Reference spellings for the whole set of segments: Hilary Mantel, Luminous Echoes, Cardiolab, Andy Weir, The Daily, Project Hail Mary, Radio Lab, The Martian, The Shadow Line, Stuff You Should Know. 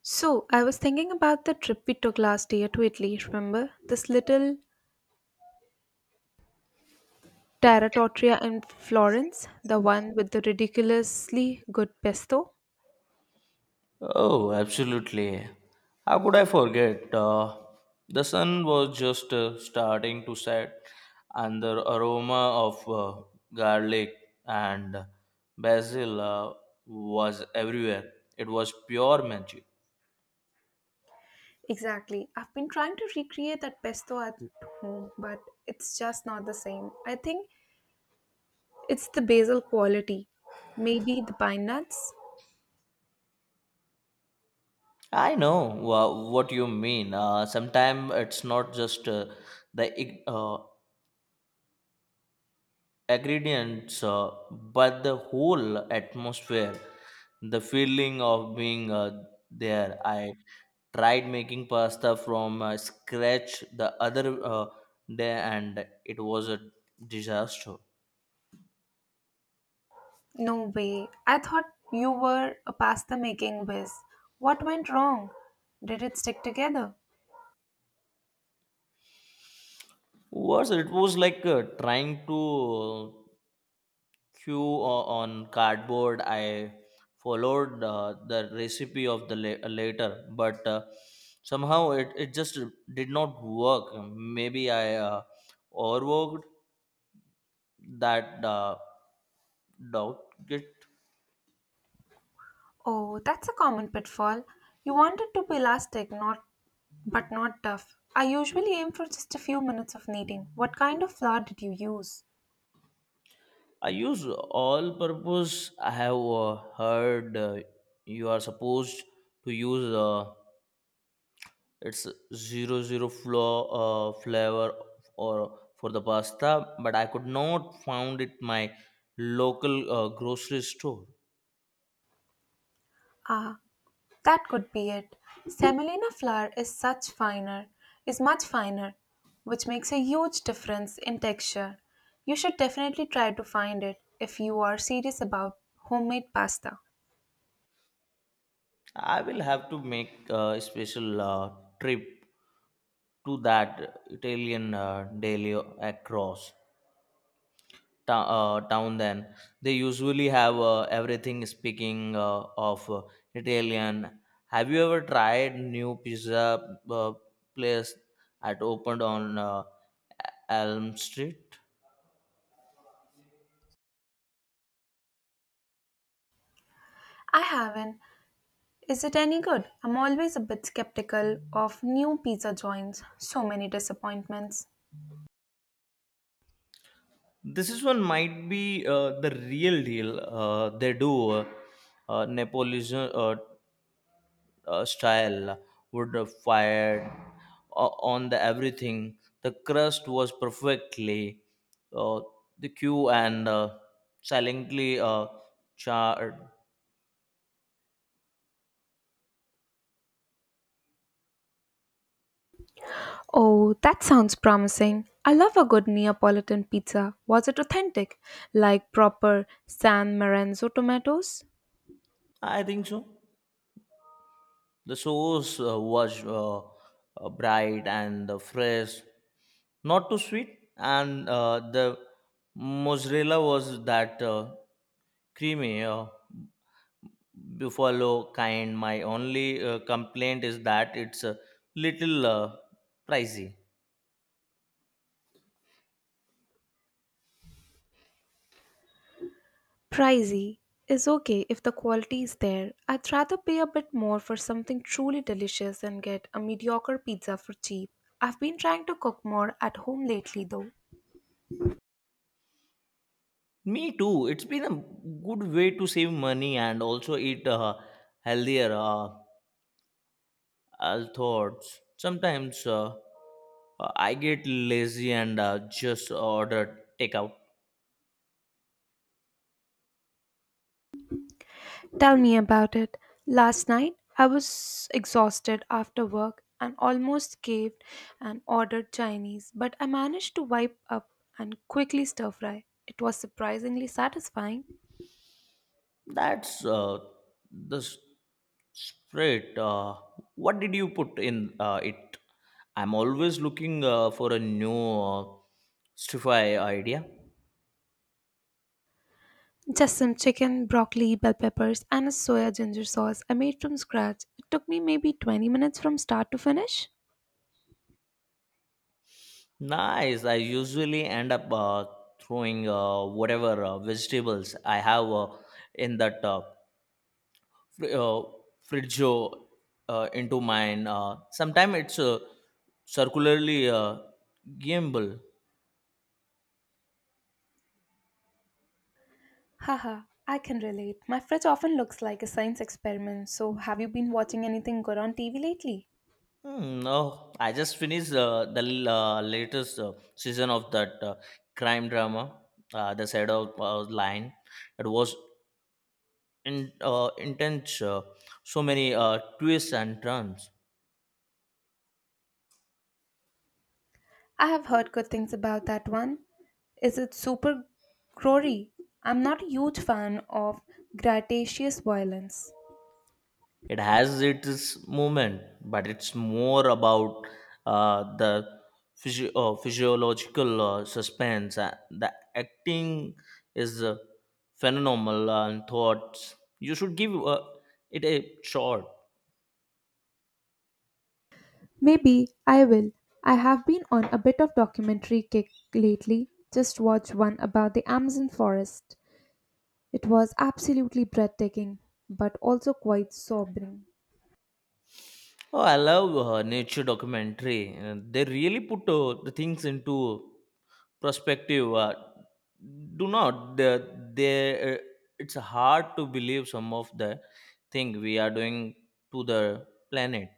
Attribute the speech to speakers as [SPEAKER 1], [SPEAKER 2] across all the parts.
[SPEAKER 1] So, I was thinking about the trip we took last year to Italy, remember? This little terra in Florence, the one with the ridiculously good pesto?
[SPEAKER 2] Oh, absolutely. How could I forget? The sun was just starting to set, and the aroma of garlic and basil was everywhere. It was pure magic.
[SPEAKER 1] Exactly. I've been trying to recreate that pesto at home, but it's just not the same. I think it's the basil quality. Maybe the pine nuts?
[SPEAKER 2] I know what you mean. Sometimes it's not just the ingredients, but the whole atmosphere, the feeling of being there. I tried making pasta from scratch the other day, and it was a disaster.
[SPEAKER 1] No way. I thought you were a pasta making whiz. What went wrong? Did it stick together?
[SPEAKER 2] Was it was like trying to queue on cardboard. I followed the recipe of the later, but somehow it just did not work. Maybe I overworked that doubt get.
[SPEAKER 1] Oh, that's a common pitfall. You want it to be elastic, not but not tough. I usually aim for just a few minutes of kneading. What kind of flour did you use?
[SPEAKER 2] I use all purpose. I have heard you are supposed to use. It's zero zero flour flavor or for the pasta, but I could not found it my local grocery store.
[SPEAKER 1] Ah, that could be it. Semolina flour is such finer, is much finer, which makes a huge difference in texture. You should definitely try to find it if you are serious about homemade pasta.
[SPEAKER 2] I will have to make a special trip to that Italian deli across town. Then they usually have everything. Speaking of Italian, have you ever tried new pizza uh, place at opened on Elm Street?
[SPEAKER 1] I haven't. Is it any good? I'm always a bit skeptical of new pizza joints. So many disappointments.
[SPEAKER 2] This is one might be the real deal. They do uh, Napolitan style would have fired on the everything. The crust was perfectly uh, the queue and silently charred.
[SPEAKER 1] Oh, that sounds promising. I love a good Neapolitan pizza. Was it authentic? Like proper San Lorenzo tomatoes?
[SPEAKER 2] I think so. The sauce was bright and fresh, not too sweet, and the mozzarella was that creamy buffalo kind. My only complaint is that it's a little pricey.
[SPEAKER 1] Pricey is okay if the quality is there. I'd rather pay a bit more for something truly delicious than get a mediocre pizza for cheap. I've been trying to cook more at home lately though.
[SPEAKER 2] Me too. It's been a good way to save money and also eat healthier thoughts. Sometimes. I get lazy and just order takeout.
[SPEAKER 1] Tell me about it. Last night, I was exhausted after work and almost caved and ordered Chinese, but I managed to wipe up and quickly stir fry. It was surprisingly satisfying.
[SPEAKER 2] That's the spirit. What did you put in it? I'm always looking for a new uh, stir-fry idea.
[SPEAKER 1] Just some chicken, broccoli, bell peppers, and a soya ginger sauce I made from scratch. It took me maybe 20 minutes from start to finish.
[SPEAKER 2] Nice. I usually end up throwing whatever vegetables I have in that. Fr- uh, Friggio into mine. Sometimes it's circularly gimbal.
[SPEAKER 1] Haha, I can relate. My fridge often looks like a science experiment, so have you been watching anything good on TV lately?
[SPEAKER 2] Hmm, no, I just finished the latest season of that crime drama, The Shadow Line. It was intense, so many twists and turns.
[SPEAKER 1] I have heard good things about that one. Is it super gory? I'm not a huge fan of gratuitous violence.
[SPEAKER 2] It has its movement, but it's more about the physiological suspense. The acting is phenomenal, and thoughts you should give it a shot.
[SPEAKER 1] Maybe I will. I have been on a bit of documentary kick lately. Just watched one about the Amazon forest. It was absolutely breathtaking, but also quite sobering.
[SPEAKER 2] Oh, I love nature documentary. They really put the things into perspective. Do not they, they uh, it's hard to believe some of the thing we are doing to the planet.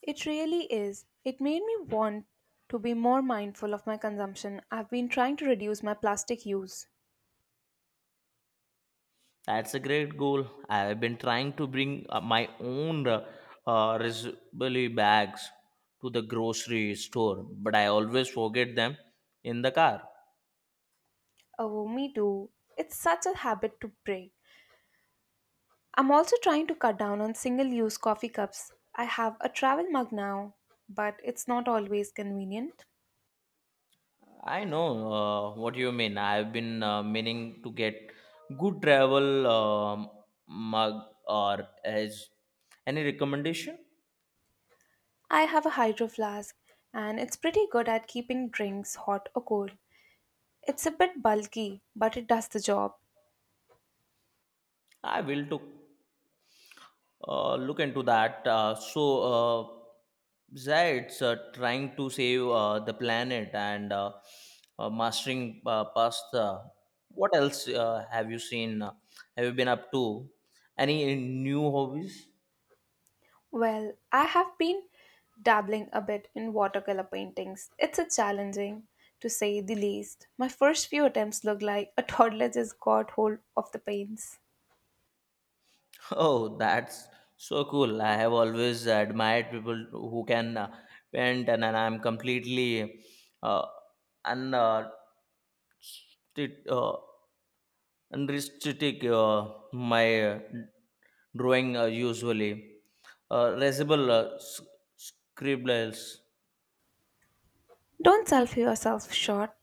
[SPEAKER 1] It really is. It made me want to be more mindful of my consumption. I've been trying to reduce my plastic use.
[SPEAKER 2] That's a great goal. I've been trying to bring my own reusable bags to the grocery store, but I always forget them in the car.
[SPEAKER 1] Oh, me too. It's such a habit to break. I'm also trying to cut down on single use coffee cups. I have a travel mug now, but it's not always convenient.
[SPEAKER 2] I know what you mean. I've been meaning to get good travel mug, or as any recommendation.
[SPEAKER 1] I have a hydro flask, and it's pretty good at keeping drinks hot or cold. It's a bit bulky, but it does the job.
[SPEAKER 2] I will to look into that. So Zaid's trying to save the planet and mastering pasta. What else have you seen? Have you been up to any new hobbies?
[SPEAKER 1] Well, I have been dabbling a bit in watercolor paintings. It's a challenging, to say the least. My first few attempts look like a toddler just got hold of the paints.
[SPEAKER 2] Oh, that's so cool. I have always admired people who can paint, and I'm completely uh, un, uh, t- uh, unrestricted my drawing usually. Risible scribbles.
[SPEAKER 1] Don't self yourself short.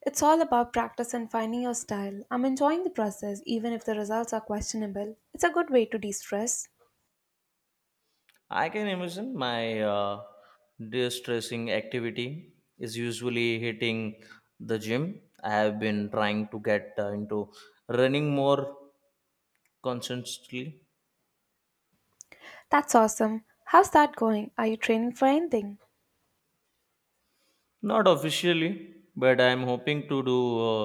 [SPEAKER 1] It's all about practice and finding your style. I'm enjoying the process, even if the results are questionable. It's a good way to de stress.
[SPEAKER 2] I can imagine my distressing activity is usually hitting the gym. I have been trying to get into running more constantly.
[SPEAKER 1] That's awesome. How's that going? Are you training for anything?
[SPEAKER 2] Not officially, but I'm hoping to do uh,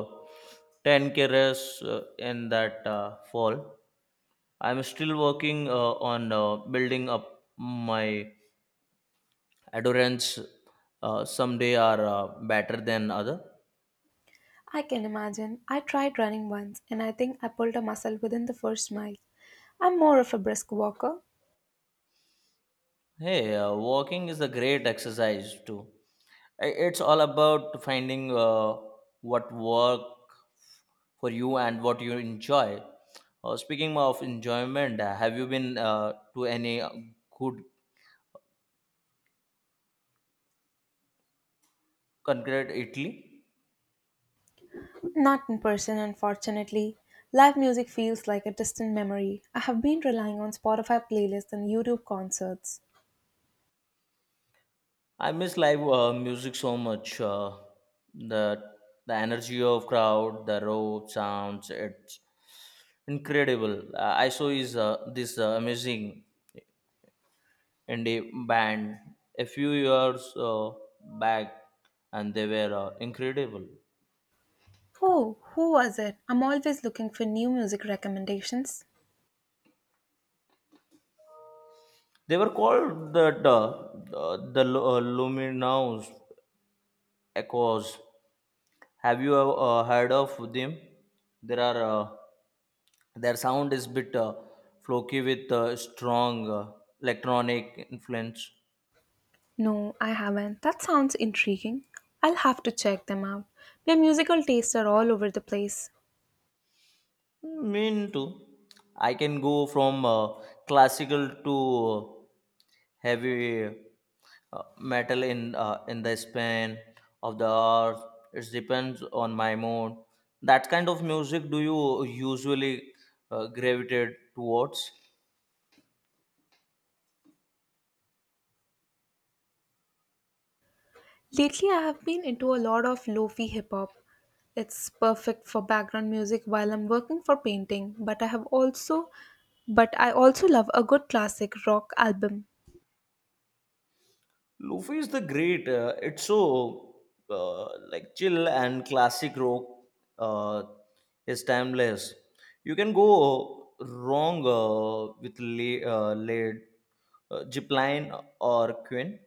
[SPEAKER 2] 10k race in that fall. I'm still working on building up my endurance. Some day are better than other.
[SPEAKER 1] I can imagine. I tried running once, and I think I pulled a muscle within the first mile. I'm more of a brisk walker.
[SPEAKER 2] Hey, walking is a great exercise too. It's all about finding what work for you and what you enjoy. Speaking of enjoyment, have you been to any good concert Italy?
[SPEAKER 1] Not in person, unfortunately. Live music feels like a distant memory. I have been relying on Spotify playlists and YouTube concerts.
[SPEAKER 2] I miss live music so much. The the energy of crowd, the raw sounds, it's incredible. I saw is this amazing indie band a few years back, and they were incredible.
[SPEAKER 1] Oh, who was it? I'm always looking for new music recommendations.
[SPEAKER 2] They were called the Luminous Echoes. Have you heard of them? There are their sound is bit flocky with strong electronic influence.
[SPEAKER 1] No, I haven't. That sounds intriguing. I'll have to check them out. My musical tastes are all over the place.
[SPEAKER 2] Mean too. I can go from classical to heavy metal in the span of the hour. It depends on my mood. That kind of music do you usually gravitate towards?
[SPEAKER 1] Lately, I have been into a lot of lofi hip hop. It's perfect for background music while I'm working for painting, but I also love a good classic rock album.
[SPEAKER 2] Luffy is the great. It's so like chill, and classic rock Uh, is timeless. You can go wrong with laid Zipline or Quinn.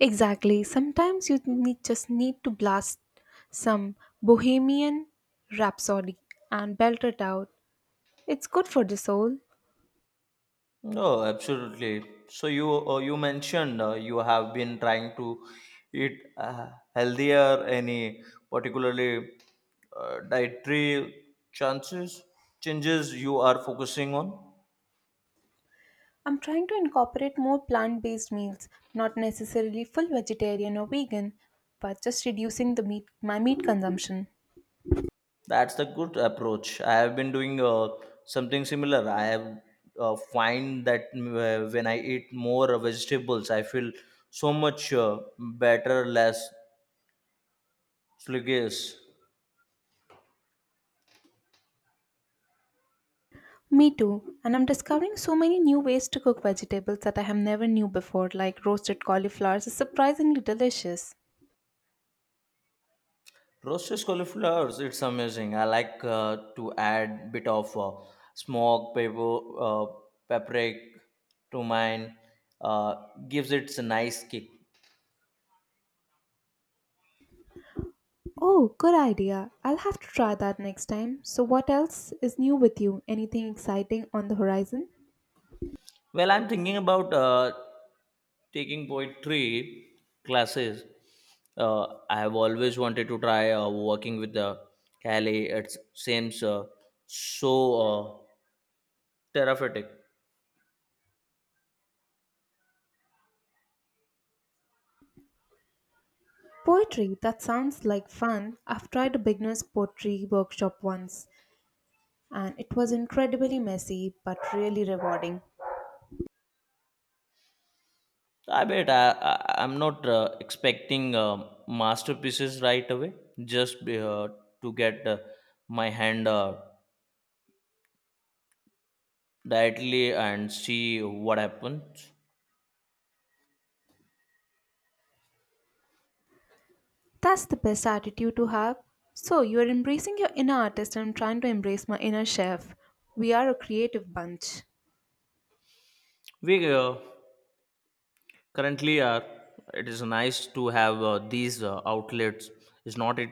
[SPEAKER 1] Exactly. Sometimes just need to blast some Bohemian Rhapsody and belt it out. It's good for the soul.
[SPEAKER 2] No, absolutely. So you you mentioned you have been trying to eat healthier. Any particularly dietary chances changes you are focusing on?
[SPEAKER 1] I'm trying to incorporate more plant based meals, not necessarily full vegetarian or vegan, but just reducing my meat consumption.
[SPEAKER 2] That's the good approach. I have been doing something similar. I have find that when I eat more vegetables, I feel so much better, less sluggish.
[SPEAKER 1] Me too, and I'm discovering so many new ways to cook vegetables that I have never knew before, like roasted cauliflowers is surprisingly delicious.
[SPEAKER 2] Roasted cauliflowers, it's amazing. I like to add bit of smoked pepper, paprika to mine. Uh, gives it a nice kick.
[SPEAKER 1] Oh, good idea. I'll have to try that next time. So, what else is new with you? Anything exciting on the horizon?
[SPEAKER 2] Well, I'm thinking about taking poetry classes. I have always wanted to try working with the cali. It seems so uh, therapeutic.
[SPEAKER 1] Poetry, that sounds like fun. I've tried a beginner's poetry workshop once, and it was incredibly messy but really rewarding.
[SPEAKER 2] I bet. I'm not expecting masterpieces right away, just to get my hand directly and see what happens.
[SPEAKER 1] That's the best attitude to have. So, you're embracing your inner artist and I'm trying to embrace my inner chef. We are a creative bunch.
[SPEAKER 2] We currently, it is nice to have these outlets, is not it,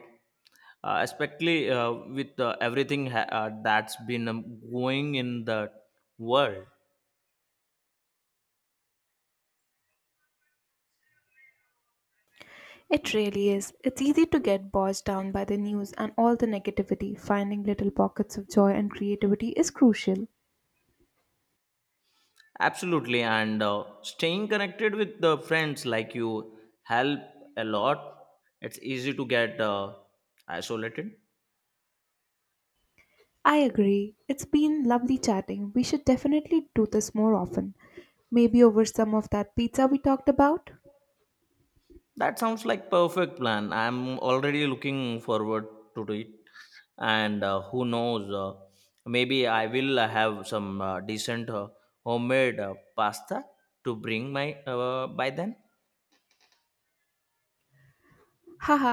[SPEAKER 2] especially with everything that's been going in the world.
[SPEAKER 1] It really is. It's easy to get bogged down by the news and all the negativity. Finding little pockets of joy and creativity is crucial.
[SPEAKER 2] Absolutely, and staying connected with the friends like you help a lot. It's easy to get isolated.
[SPEAKER 1] I agree. It's been lovely chatting. We should definitely do this more often. Maybe over some of that pizza we talked about.
[SPEAKER 2] That sounds like perfect plan. I'm already looking forward to it, and who knows, maybe I will have some decent homemade pasta to bring my by then.
[SPEAKER 1] Haha,